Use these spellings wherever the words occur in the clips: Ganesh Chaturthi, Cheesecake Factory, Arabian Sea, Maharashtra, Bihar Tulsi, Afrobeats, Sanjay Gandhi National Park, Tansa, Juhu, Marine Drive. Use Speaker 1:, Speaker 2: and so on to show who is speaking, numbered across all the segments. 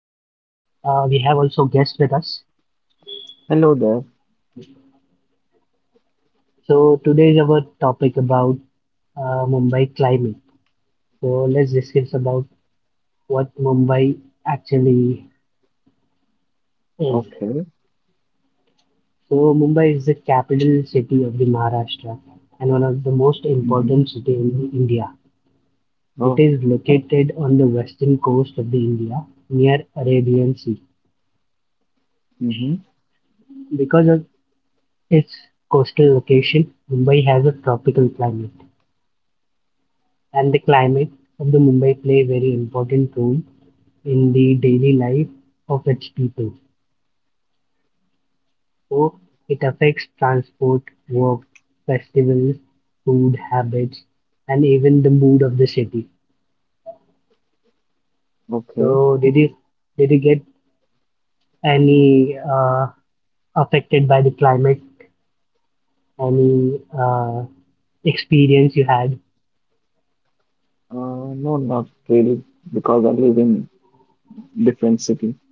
Speaker 1: We have also guests with us.
Speaker 2: Hello there.
Speaker 1: So today is our topic about Mumbai climate. So let's discuss about what Mumbai actually is.
Speaker 2: Okay.
Speaker 1: So Mumbai is the capital city of the Maharashtra and one of the most
Speaker 2: Mm-hmm.
Speaker 1: important city in India. It
Speaker 2: Oh,
Speaker 1: is located on the western coast of the India near Arabian Sea.
Speaker 2: mm-hmm.
Speaker 1: Because of its coastal location, Mumbai has a tropical climate, and the climate of the Mumbai play a very important role in the daily life of its people. So it affects transport, work, festivals, food habits, and even the mood of the city.
Speaker 2: Okay.
Speaker 1: So did you get any affected by the climate? Any experience you had?
Speaker 2: No, not really, because I live in different city.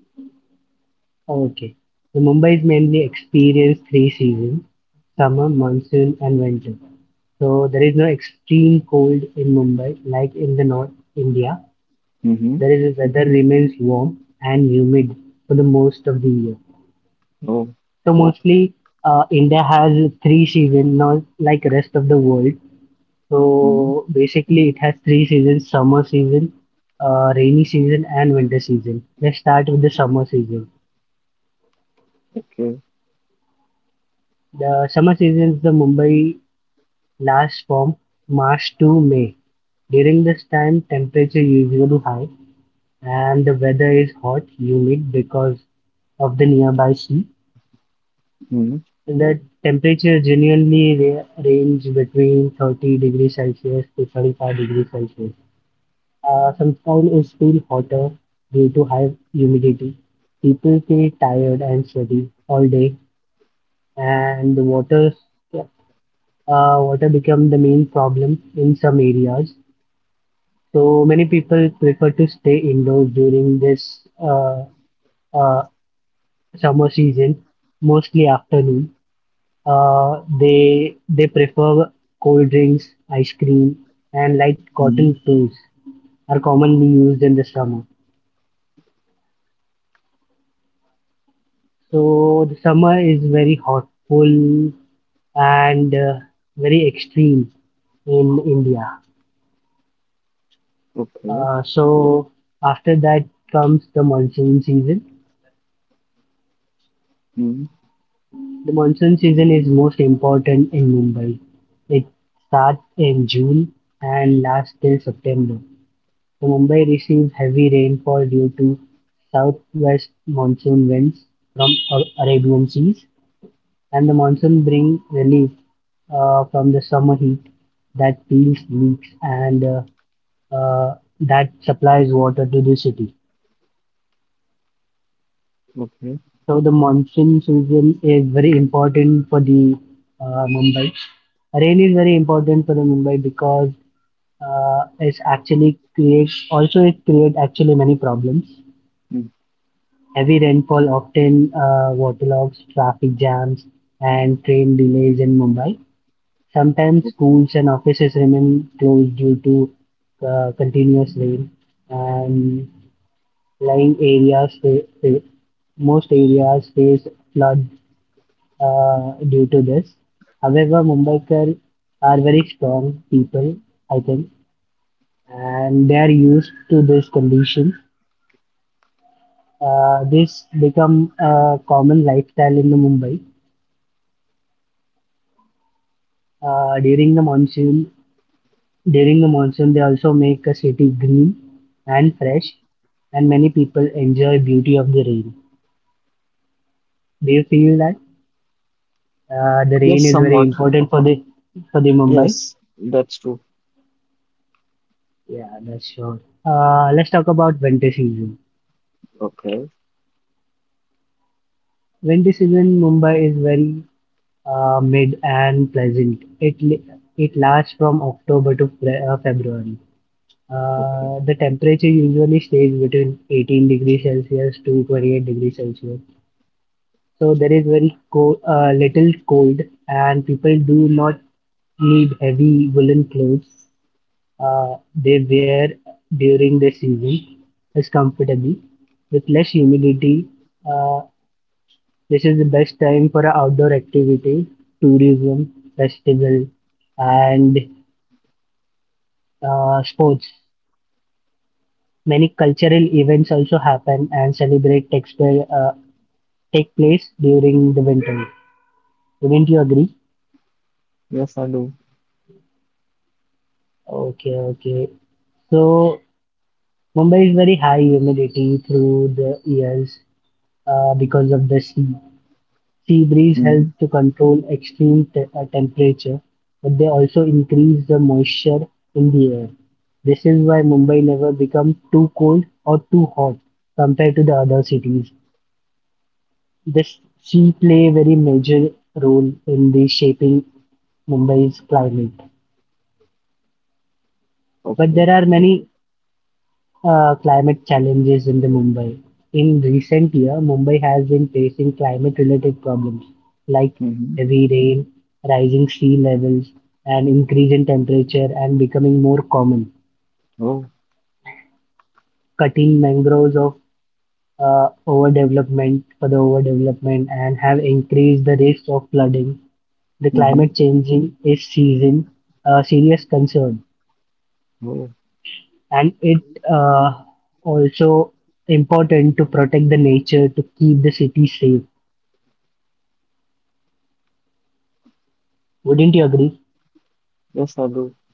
Speaker 1: Okay, so Mumbai is mainly experienced three seasons: summer, monsoon, and winter. So there is no extreme cold in Mumbai, like in the North India.
Speaker 2: Mm-hmm.
Speaker 1: There is weather remains warm and humid for the most of the year.
Speaker 2: Oh,
Speaker 1: So mostly, India has three seasons, not like rest of the world.
Speaker 2: mm-hmm.
Speaker 1: So basically, it has three seasons: summer season, rainy season, and winter season. Let's start with the summer season.
Speaker 2: Okay.
Speaker 1: The summer season is the Mumbai lasts from March to May. During this time, temperature usually high and the weather is hot, humid because of the nearby sea.
Speaker 2: Mm-hmm.
Speaker 1: The temperature genuinely range between 30 degrees Celsius to 35 degrees Celsius. Sometimes is still hotter due to high humidity. People feel tired and sweaty all day, and the water water become the main problem in some areas. So many people prefer to stay indoors during this uh, summer season, mostly afternoon. They prefer cold drinks, ice cream, and light cotton
Speaker 2: Mm-hmm.
Speaker 1: clothes are commonly used in the summer. So the summer is very hot, full, and very extreme in India.
Speaker 2: Okay.
Speaker 1: So after that comes the monsoon season.
Speaker 2: Mm-hmm.
Speaker 1: The monsoon season is most important in Mumbai. It starts in June and lasts till September. Mumbai receives heavy rainfall due to southwest monsoon winds from Arabian seas, and the monsoon brings relief from the summer heat that peels leaks and uh, that supplies water to the city.
Speaker 2: Okay.
Speaker 1: So the monsoon season is very important for the Mumbai. Rain is very important for the Mumbai because it's actually creates also it creates actually many problems.
Speaker 2: Mm.
Speaker 1: Heavy rainfall often waterlogs traffic jams and train delays in Mumbai. Sometimes
Speaker 2: Okay.
Speaker 1: schools and offices remain closed due to continuous rain, and lying areas most areas face flood due to this. However, Mumbaikar are very strong people, I think, and they are used to this condition. This become a common lifestyle in the Mumbai. Uh, during the monsoon, during the monsoon, they also make a city green and fresh, and many people enjoy beauty of the rain. Do you feel that the rain
Speaker 2: Yes,
Speaker 1: is very
Speaker 2: somewhat.
Speaker 1: important for the Mumbai.
Speaker 2: Yes, that's true.
Speaker 1: Yeah, that's sure. Let's talk about winter season.
Speaker 2: Okay.
Speaker 1: Winter season in Mumbai is very mid and pleasant. It lasts from October to February.
Speaker 2: Okay.
Speaker 1: The temperature usually stays between 18 degrees Celsius to 28 degrees Celsius. So there is very little cold, and people do not need heavy woolen clothes. They wear during the season is comfortable with less humidity. Uh, this is the best time for outdoor activity, tourism, festival, and sports. Many cultural events also happen and celebrate textile take place during the winter. Wouldn't you agree?
Speaker 2: Yes, I do.
Speaker 1: Okay, okay. So Mumbai is very high humidity through the years because of the sea. Sea breeze helps
Speaker 2: Mm-hmm.
Speaker 1: to control extreme temperature, but they also increase the moisture in the air. This is why Mumbai never becomes too cold or too hot compared to the other cities. This sea play a very major role in the shaping Mumbai's climate. But there
Speaker 2: Okay.
Speaker 1: are many climate challenges in the Mumbai. In recent year, Mumbai has been facing climate-related problems like
Speaker 2: Mm-hmm.
Speaker 1: heavy rain, rising sea levels, and increase in temperature and becoming more common,
Speaker 2: Oh.
Speaker 1: cutting mangroves of overdevelopment and have increased the risk of flooding the
Speaker 2: Mm-hmm.
Speaker 1: climate changing is season a serious concern,
Speaker 2: Oh.
Speaker 1: and it uh, also important to protect the nature to keep the city safe. Wouldn't you agree?
Speaker 2: Yes, I do.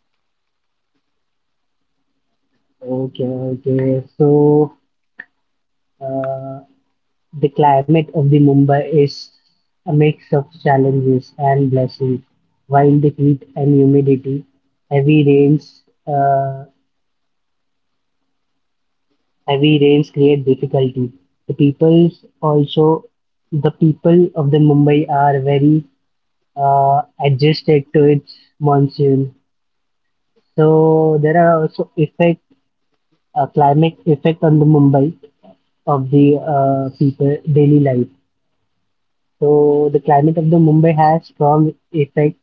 Speaker 1: Okay, okay. So uh, the climate of the Mumbai is a mix of challenges and blessings. Wild heat and humidity, heavy rains, uh, Heavy rains create difficulty. The peoples also the people of the Mumbai are very adjusted to its monsoon. So there are also effect climate effect on the Mumbai of the people daily life. So the climate of the Mumbai has strong effect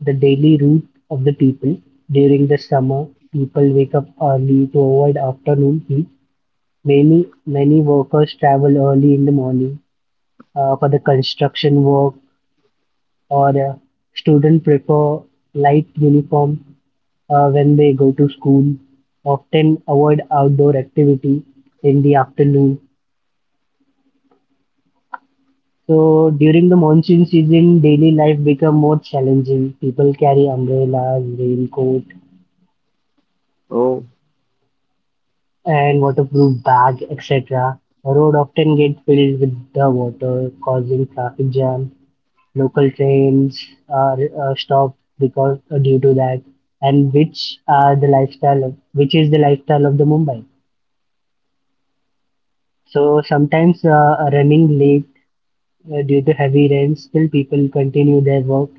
Speaker 1: the daily route of the people. During the summer, people wake up early to avoid afternoon heat. Many workers travel early in the morning for the construction work or student prefer light uniform when they go to school often avoid outdoor activity in the afternoon. So during the monsoon season daily life become more challenging, people carry umbrellas, raincoat
Speaker 2: Oh.
Speaker 1: and waterproof bag, etc. Road often get filled with the water, causing traffic jam. Local trains are stopped because due to that, and which is the lifestyle of the Mumbai. So sometimes running late due to heavy rain, still people continue their work,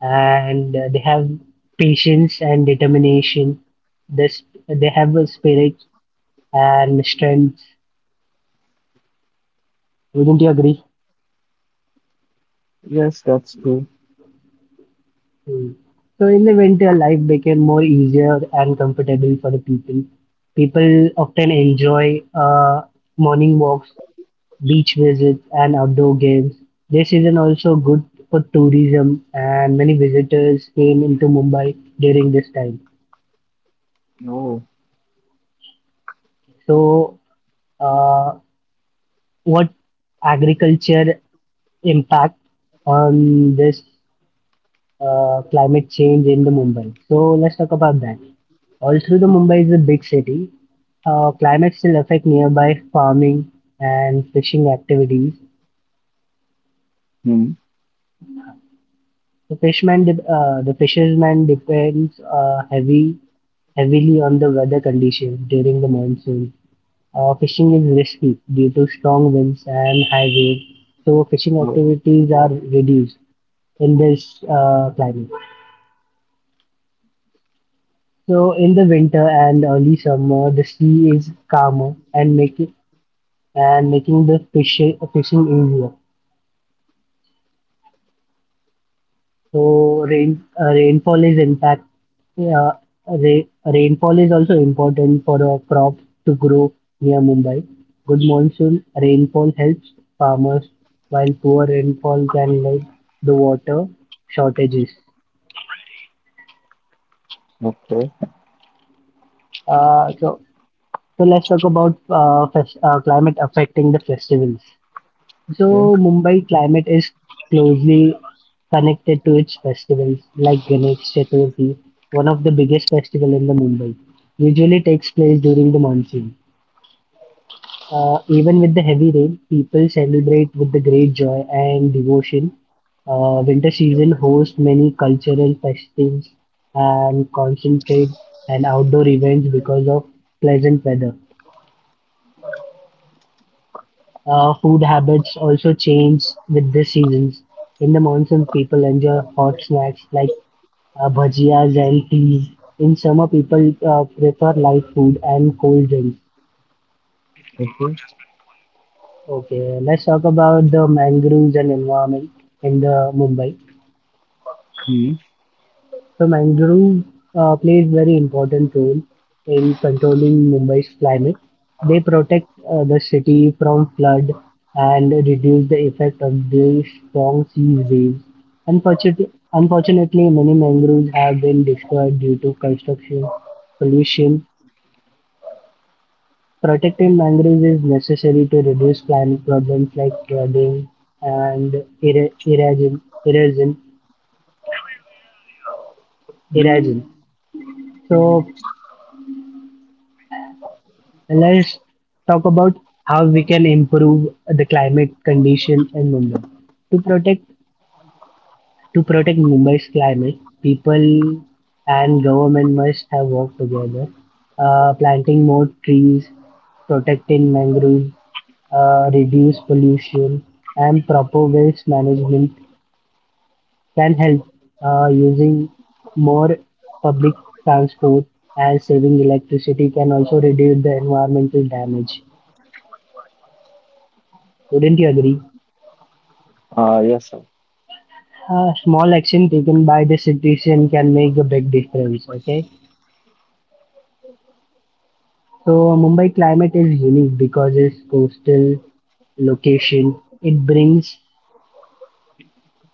Speaker 1: and they have patience and determination. This they have a spirit and strength. Wouldn't you agree?
Speaker 2: Yes, that's true.
Speaker 1: Mm. So in the winter, life became more easier and comfortable for the people. People often enjoy morning walks, beach visits, and outdoor games. This season also good for tourism, and many visitors came into Mumbai during this time.
Speaker 2: Oh.
Speaker 1: So, uh, what agriculture impact on this climate change in the Mumbai. So let's talk about that. All through the
Speaker 2: Okay.
Speaker 1: Mumbai is a big city. Climate still affect nearby farming and fishing activities.
Speaker 2: Mm-hmm.
Speaker 1: The fishermen depends heavily on the weather conditions during the monsoon. Fishing is risky due to strong winds and high waves, so fishing
Speaker 2: Oh.
Speaker 1: activities are reduced in this climate. So in the winter and early summer, the sea is calmer and making the fishing easier. So rainfall is in fact uh, rainfall is also important for a crop to grow near Mumbai. Good monsoon rainfall helps farmers, while poor rainfall can lead the water shortages.
Speaker 2: Okay.
Speaker 1: Uh, so so let's talk about climate affecting the festivals. So
Speaker 2: Okay.
Speaker 1: Mumbai climate is closely connected to its festivals like Ganesh Chaturthi, one of the biggest festival in the Mumbai, usually takes place during the monsoon. Even with the heavy rain, people celebrate with the great joy and devotion. Winter season hosts many cultural festivals and concentrate and outdoor events because of pleasant weather. Food habits also change with the seasons. In the monsoon, people enjoy hot snacks like bhajias and teas. In summer, people prefer light food and cold drinks.
Speaker 2: Okay.
Speaker 1: Okay, let's talk about the mangroves and environment in the Mumbai.
Speaker 2: Hmm.
Speaker 1: So mangrove plays very important role in controlling Mumbai's climate. They protect the city from flood and reduce the effect of the strong sea waves. Unfortunately, many mangroves have been destroyed due to construction, pollution. Protecting mangroves is necessary to reduce climate problems like flooding and eri- erosion, erosion, erosion.
Speaker 2: Hmm. Hmm.
Speaker 1: So let's talk about how we can improve the climate condition in Mumbai. To protect to protect Mumbai's climate, people and government must have worked together, planting more trees, protecting mangroves, reduce pollution, and proper waste management can help, using more public transport and saving electricity can also reduce the environmental damage. Wouldn't you agree?
Speaker 2: Ah, yes, sir.
Speaker 1: A small action taken by the citizen can make a big difference. Okay, so Mumbai climate is unique because its coastal location. It brings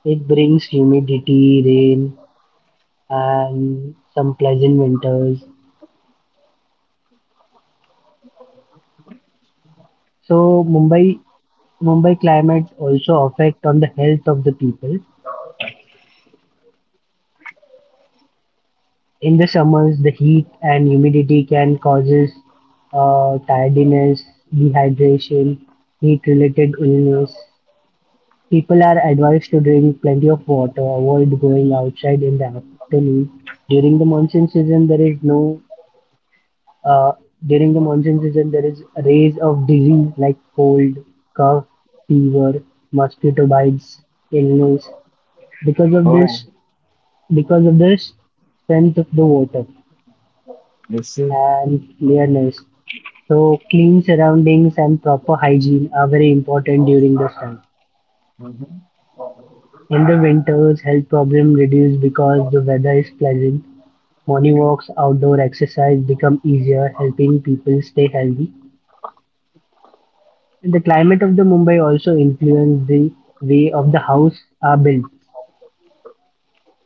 Speaker 1: it brings humidity, rain, and some pleasant winters. So Mumbai climate also affect on the health of the people. In the summers, the heat and humidity can causes tiredness, dehydration, heat related illness. People are advised to drink plenty of water, avoid going outside in the afternoon. During the monsoon season, there is no uh, during the monsoon season there is rays of disease like cold, cough, fever, mosquito bites, illness. Because of
Speaker 2: Oh,
Speaker 1: this, because of this, strength of the water
Speaker 2: I see.
Speaker 1: and clearness. So clean surroundings and proper hygiene are very important during this time.
Speaker 2: Mm-hmm.
Speaker 1: In the winters, health problems reduce because the weather is pleasant, morning walks, outdoor exercise become easier, helping people stay healthy. And the climate of the Mumbai also influences the way of the house are built.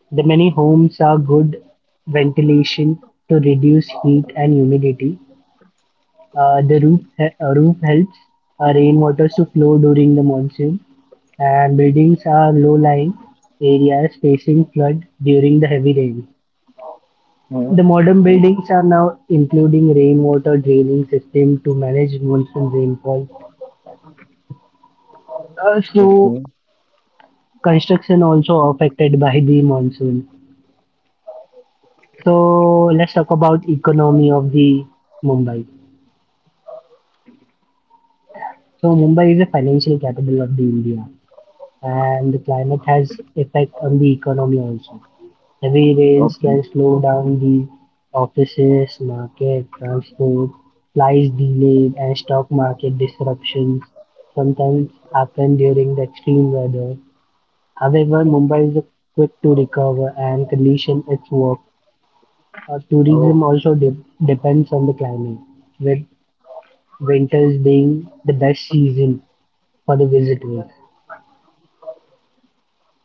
Speaker 1: The many homes are good ventilation to reduce heat and humidity. The roof helps rainwater to flow during the monsoon, and buildings are low-lying areas facing flood during the heavy rain. The
Speaker 2: Hmm.
Speaker 1: modern buildings are now including rainwater draining system to manage monsoon rainfall. So
Speaker 2: Okay.
Speaker 1: construction also affected by the monsoon. So let's talk about economy of the Mumbai. So Mumbai is a financial capital of the India and the climate has effect on the economy also. Heavy rains can
Speaker 2: Okay.
Speaker 1: slow down the offices, market, transport, flights, delays, and stock market disruptions sometimes happen during the extreme weather. However, Mumbai is quick to recover and condition its work. Tourism
Speaker 2: Oh.
Speaker 1: also depends on the climate, with winters being the best season for the visitors.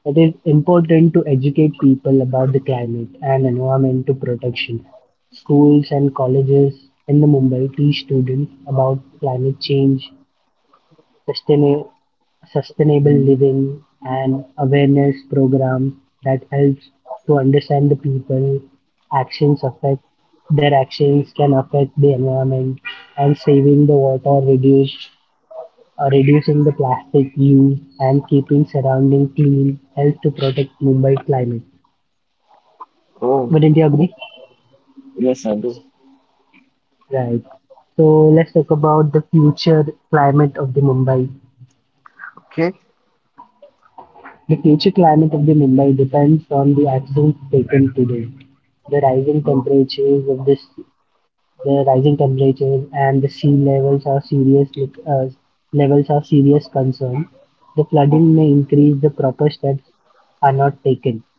Speaker 1: It is important to educate people about the climate and environmental protection. Schools and colleges in the Mumbai teach students about climate change, sustain- sustainable
Speaker 2: Hmm.
Speaker 1: living, and awareness programs that helps to understand the people. Actions affect Their actions can affect the environment, and saving the water reduce reducing the plastic use and keeping surrounding clean helps to protect Mumbai climate.
Speaker 2: Oh,
Speaker 1: Wouldn't you agree?
Speaker 2: yes, I do.
Speaker 1: Right. So let's talk about the future climate of the Mumbai.
Speaker 2: Okay.
Speaker 1: The future climate of the Mumbai depends on the actions taken today. The rising
Speaker 2: Oh,
Speaker 1: temperatures of this, the rising temperatures and the sea uh, levels are serious concern. The flooding
Speaker 2: okay.
Speaker 1: may increase the proper steps are not taken.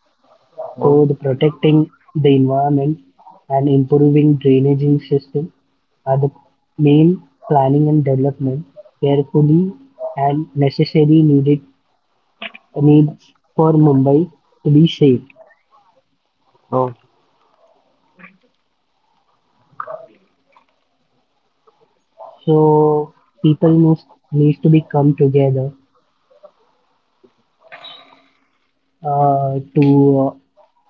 Speaker 2: Oh,
Speaker 1: So the protecting the environment and improving drainaging system are the main planning and development carefully and necessary needed needs for Mumbai to be safe.
Speaker 2: oh,
Speaker 1: So people must needs to be come together to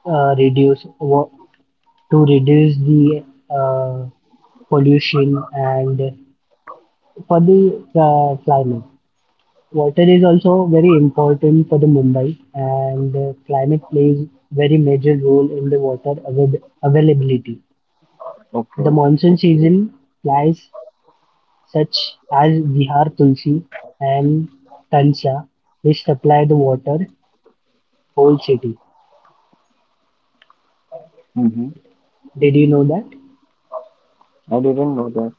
Speaker 1: uh, uh, reduce wa- to reduce the uh, pollution and for the climate. Water is also very important for the Mumbai, and climate plays very major role in the water availability. The
Speaker 2: okay.
Speaker 1: monsoon season lies such as Bihar Tulsi and Tansa, which supply the water whole city.
Speaker 2: Mm-hmm.
Speaker 1: Did you know that?
Speaker 2: I didn't know that.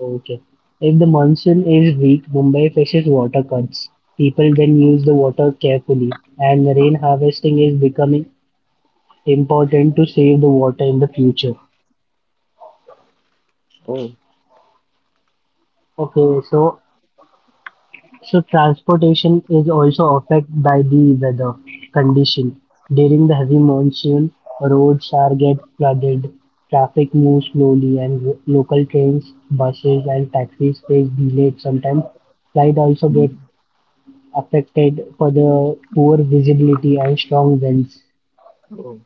Speaker 1: Okay. If the monsoon is weak, Mumbai faces water cuts. People then use the water carefully, and rain harvesting is becoming important to save the water in the future.
Speaker 2: Oh.
Speaker 1: Okay, so transportation is also affected by the weather condition. During the heavy monsoon, roads are get flooded, traffic moves slowly, and local trains, buses, and taxis face delays. Sometimes flight also get
Speaker 2: Hmm.
Speaker 1: affected for the poor visibility and strong winds.
Speaker 2: Oh.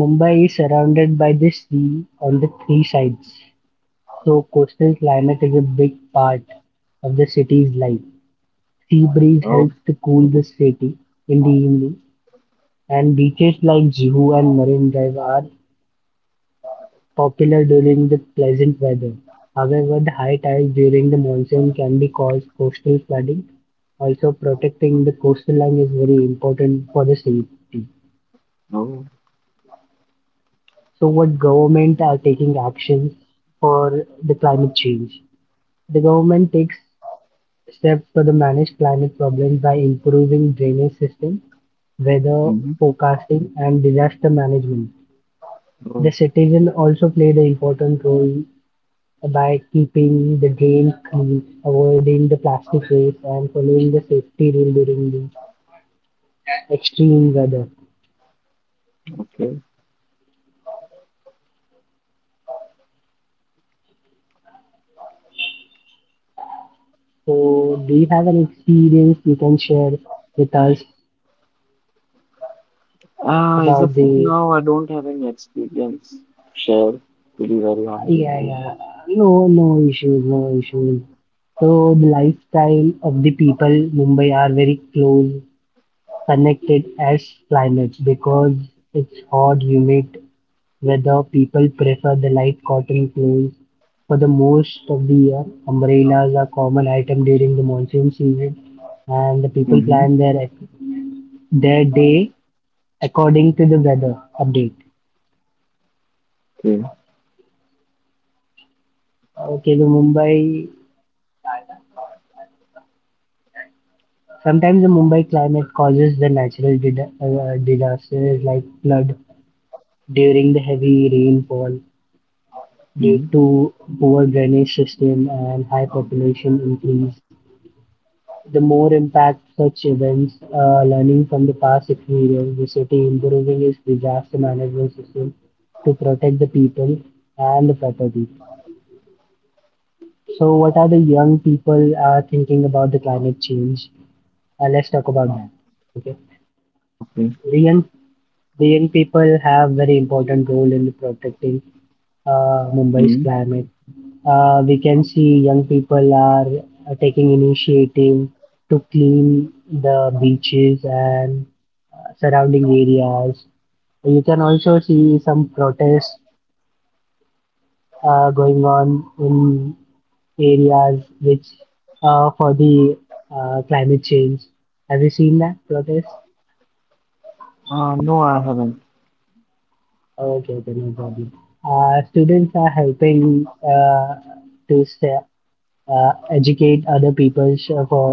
Speaker 1: Mumbai is surrounded by the sea on the three sides, so coastal climate is a big part of the city's life. Sea breeze
Speaker 2: Oh.
Speaker 1: helps to cool the city in the evening, and beaches like Juhu and Marine Drive are popular during the pleasant weather. However, the high tides during the monsoon can be cause coastal flooding. Also, protecting the coastal line is very important for the safety.
Speaker 2: Oh.
Speaker 1: So, what government are taking actions for the climate change? The government takes Steps for the manage climate problems by improving drainage system, weather
Speaker 2: Mm-hmm.
Speaker 1: forecasting and disaster management. The
Speaker 2: Oh,
Speaker 1: citizen also played an important role by keeping the drain clean, avoiding the plastic waste and following the safety rule during the extreme weather.
Speaker 2: okay.
Speaker 1: So do you have an experience you can share with us
Speaker 2: Ah, as
Speaker 1: about
Speaker 2: of
Speaker 1: the
Speaker 2: now, I don't have any experience shared, to be very honest.
Speaker 1: Yeah, yeah. No, no issues, no issues. So the lifestyle of the people Mumbai are very close, connected as climate because it's hot, humid weather. People prefer the light cotton clothes for the most of the year. Umbrellas are common item during the monsoon season, and the
Speaker 2: Mm-hmm.
Speaker 1: people plan their day according to the weather update.
Speaker 2: Okay.
Speaker 1: Okay, the Mumbai Sometimes the Mumbai climate causes the natural disasters like flood during the heavy rainfall
Speaker 2: Mm-hmm.
Speaker 1: due to poor drainage system and high population increase. The more impact such events, learning from the past experience, the city improving its disaster management system to protect the people and the property. So, what are the young people are thinking about the climate change? Let's talk about that. Okay
Speaker 2: Okay.
Speaker 1: the young The young people have very important role in protecting
Speaker 2: Mm-hmm.
Speaker 1: Mumbai's climate. We can see young people are taking initiative to clean the beaches and surrounding areas. You can also see some protests going on in areas which for the climate change. Have you seen that protest?
Speaker 2: Ah, no, I haven't.
Speaker 1: Oh, okay, okay, no problem. Students are helping to se- educate other people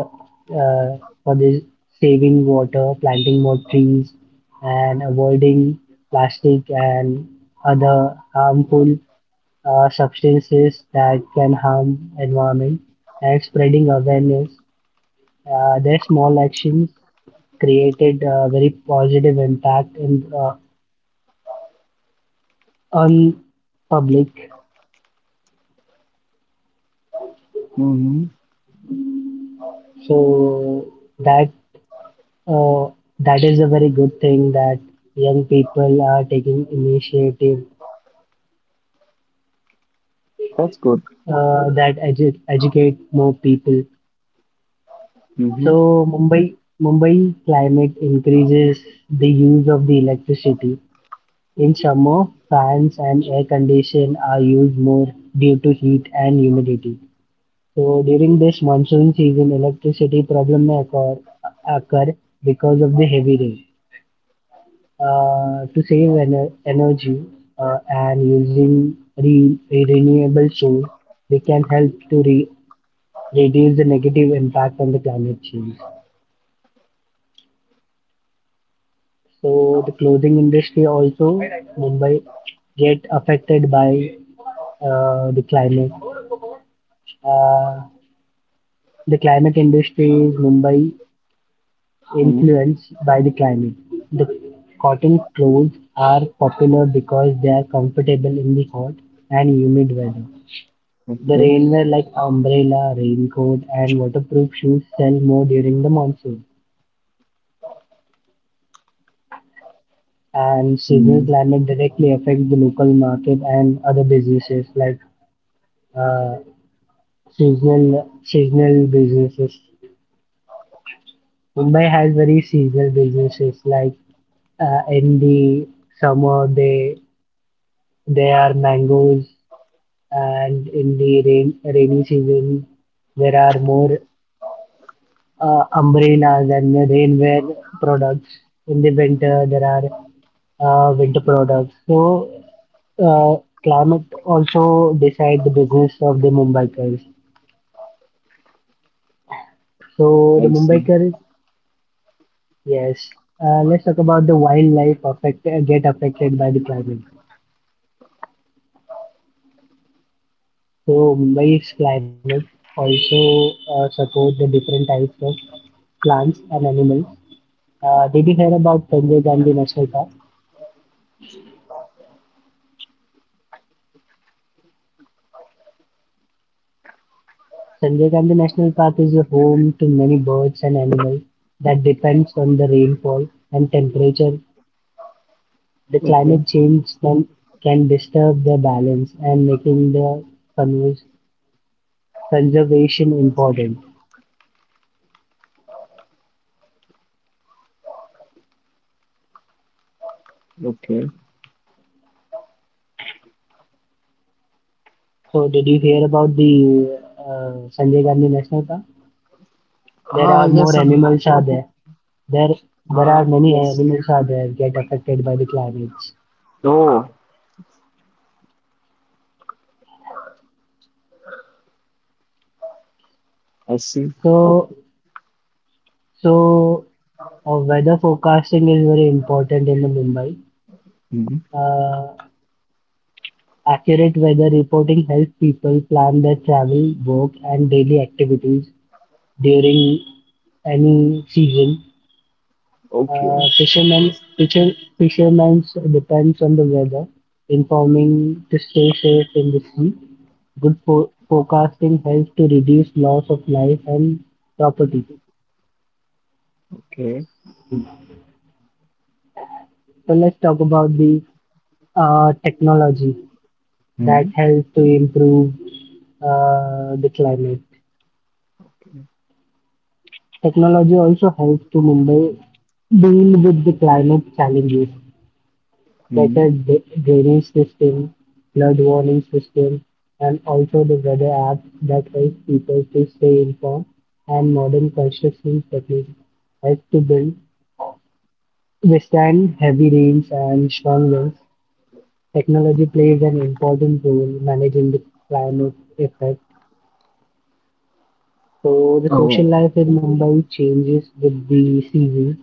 Speaker 1: uh, for this saving water, planting more trees, and avoiding plastic and other harmful substances that can harm environment, and spreading awareness. Their small actions created a very positive impact in on public
Speaker 2: Mm-hmm.
Speaker 1: So that uh, that is a very good thing that young people are taking initiative
Speaker 2: That's good.
Speaker 1: that educate more people. So
Speaker 2: Mm-hmm.
Speaker 1: Mumbai climate increases the use of the electricity. In summer, fans and air condition are used more due to heat and humidity. So during this monsoon season, electricity problem may occur, occur because of the heavy rain. To save energy and using renewable source, we can help to reduce the negative impact on the climate change. So the clothing industry also Mumbai get affected by the climate. Uh, the climate industry is Mumbai
Speaker 2: Hmm.
Speaker 1: influenced by the climate. The cotton clothes are popular because they are comfortable in the hot and humid weather. The
Speaker 2: Okay.
Speaker 1: rainwear like umbrella, raincoat, and waterproof shoes sell more during the monsoon. And seasonal
Speaker 2: Mm,
Speaker 1: climate directly affects the local market and other businesses like uh, seasonal businesses. Mumbai has very seasonal businesses like in the summer they are mangoes and in the rainy season there are more umbrellas and rainwear products. In the winter, there are winter products. So, uh, climate also decide the business of the Mumbaikars. So, the
Speaker 2: I see.
Speaker 1: Mumbaikars, yes. Let's talk about the wildlife affect get affected by the climate. So, Mumbai's climate also support the different types of plants and animals. Did you hear about Sanjay Gandhi National Park? Sanjay Gandhi National Park is home to many birds and animals that depends on the rainfall and temperature. The
Speaker 2: Okay.
Speaker 1: climate change can disturb their balance and making the convers- conservation important.
Speaker 2: Okay.
Speaker 1: So did you hear about the Sanjay Gandhi National Park? There are
Speaker 2: Ah,
Speaker 1: more
Speaker 2: yes. Ah,
Speaker 1: animals are there. There there are
Speaker 2: ah,
Speaker 1: many
Speaker 2: yes.
Speaker 1: animals are there get affected by the climates.
Speaker 2: Oh, I see.
Speaker 1: So so weather forecasting is very important in the Mumbai.
Speaker 2: Mm-hmm.
Speaker 1: Uh, Accurate weather reporting helps people plan their travel, work, and daily activities during any season. Uh,
Speaker 2: Okay.
Speaker 1: fishermen, fisher, Fishermen depends on the weather, informing to stay safe in the sea. Good forecasting helps to reduce loss of life and property.
Speaker 2: Okay.
Speaker 1: So let's talk about the technology
Speaker 2: Mm-hmm.
Speaker 1: that helps to improve the climate. Technology also helps to Mumbai deal with the climate challenges.
Speaker 2: Mm-hmm.
Speaker 1: Better drainage system, flood warning system, and also the weather apps that help people to stay informed and modern construction techniques help to build withstand heavy rains and strong winds. Technology plays an important role in managing the climate effect. So the social
Speaker 2: Oh,
Speaker 1: life in Mumbai changes with the seasons.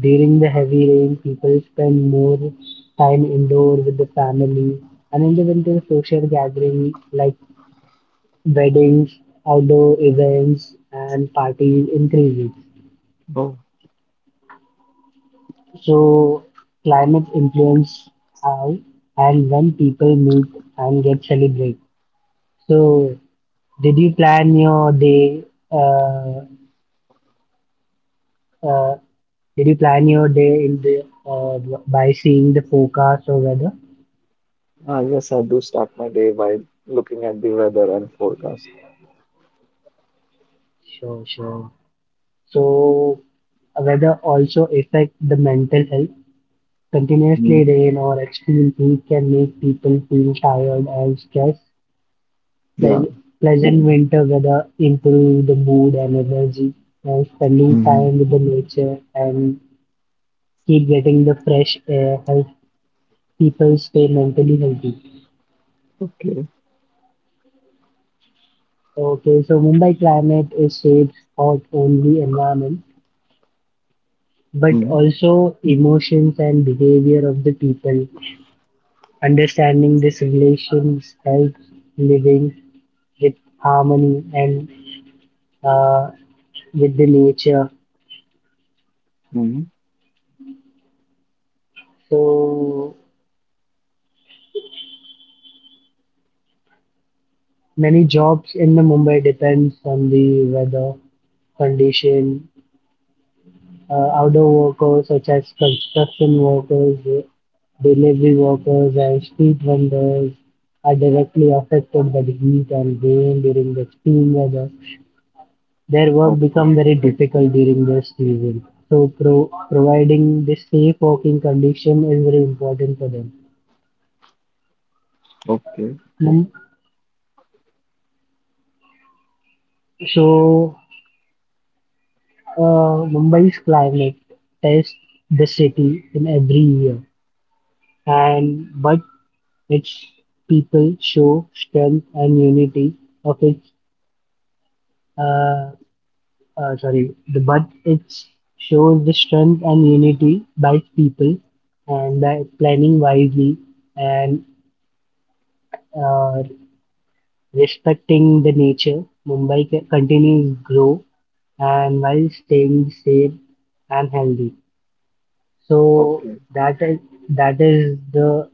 Speaker 1: During the heavy rain, people spend more time indoor with the family, and in the winter, social gatherings like weddings, outdoor events, and parties increases.
Speaker 2: oh.
Speaker 1: So, climate influence how and when people meet and get celebrate. So, did you plan your day? Uh, uh, did you plan your day in the by seeing the forecast or weather?
Speaker 2: Ah, yes. I do start my day by looking at the weather and forecast.
Speaker 1: Sure, sure. So weather also affect the mental health. Continuously
Speaker 2: Mm-hmm.
Speaker 1: rain or extreme heat can make people feel tired and stressed.
Speaker 2: Yeah.
Speaker 1: Pleas- Pleasant winter weather improve the mood and energy, and spending
Speaker 2: Mm-hmm.
Speaker 1: time with the nature and keep getting the fresh air helps people stay mentally healthy.
Speaker 2: Okay.
Speaker 1: Okay, so Mumbai climate is shaped not only environment but
Speaker 2: Mm-hmm.
Speaker 1: also emotions and behavior of the people. Understanding these relations helps living with harmony and uh, with the nature.
Speaker 2: Mm-hmm.
Speaker 1: So many jobs in the Mumbai depends on the weather condition. Outdoor workers such as construction workers, delivery workers, and street vendors are directly affected by the heat and rain during the extreme weather. Their work
Speaker 2: Okay.
Speaker 1: become very difficult during the season, so providing the safe working condition is very important for them.
Speaker 2: Okay.
Speaker 1: Mum- So Mumbai's climate tests the city in every year, and but its people show strength and unity of its uh, sorry, the but it shows the strength and unity by its people and by planning wisely and uh, Respecting the nature, Mumbai continues to grow and while staying safe and healthy. So
Speaker 2: Okay.
Speaker 1: that is that is the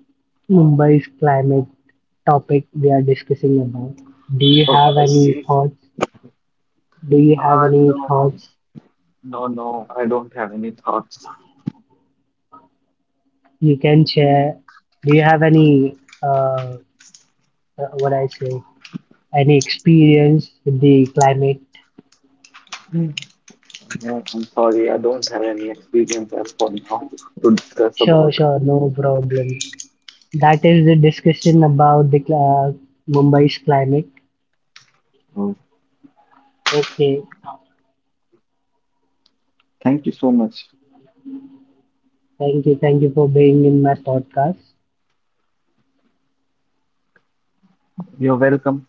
Speaker 1: Mumbai's climate topic we are discussing about. Do you
Speaker 2: Oh,
Speaker 1: have
Speaker 2: I
Speaker 1: any
Speaker 2: see.
Speaker 1: thoughts? Do you have
Speaker 2: Ah,
Speaker 1: any
Speaker 2: no.
Speaker 1: thoughts
Speaker 2: No, no. I don't have any thoughts.
Speaker 1: you can share? Do you have any what I say any experience with the climate?
Speaker 2: Hmm. No, I'm sorry, I don't have any experience as for now to discuss
Speaker 1: Sure,
Speaker 2: about.
Speaker 1: sure, no problem. That is the discussion about the uh, Mumbai's climate.
Speaker 2: Uh,
Speaker 1: Okay,
Speaker 2: Thank you so much.
Speaker 1: thank you for being in my podcast.
Speaker 2: You're welcome.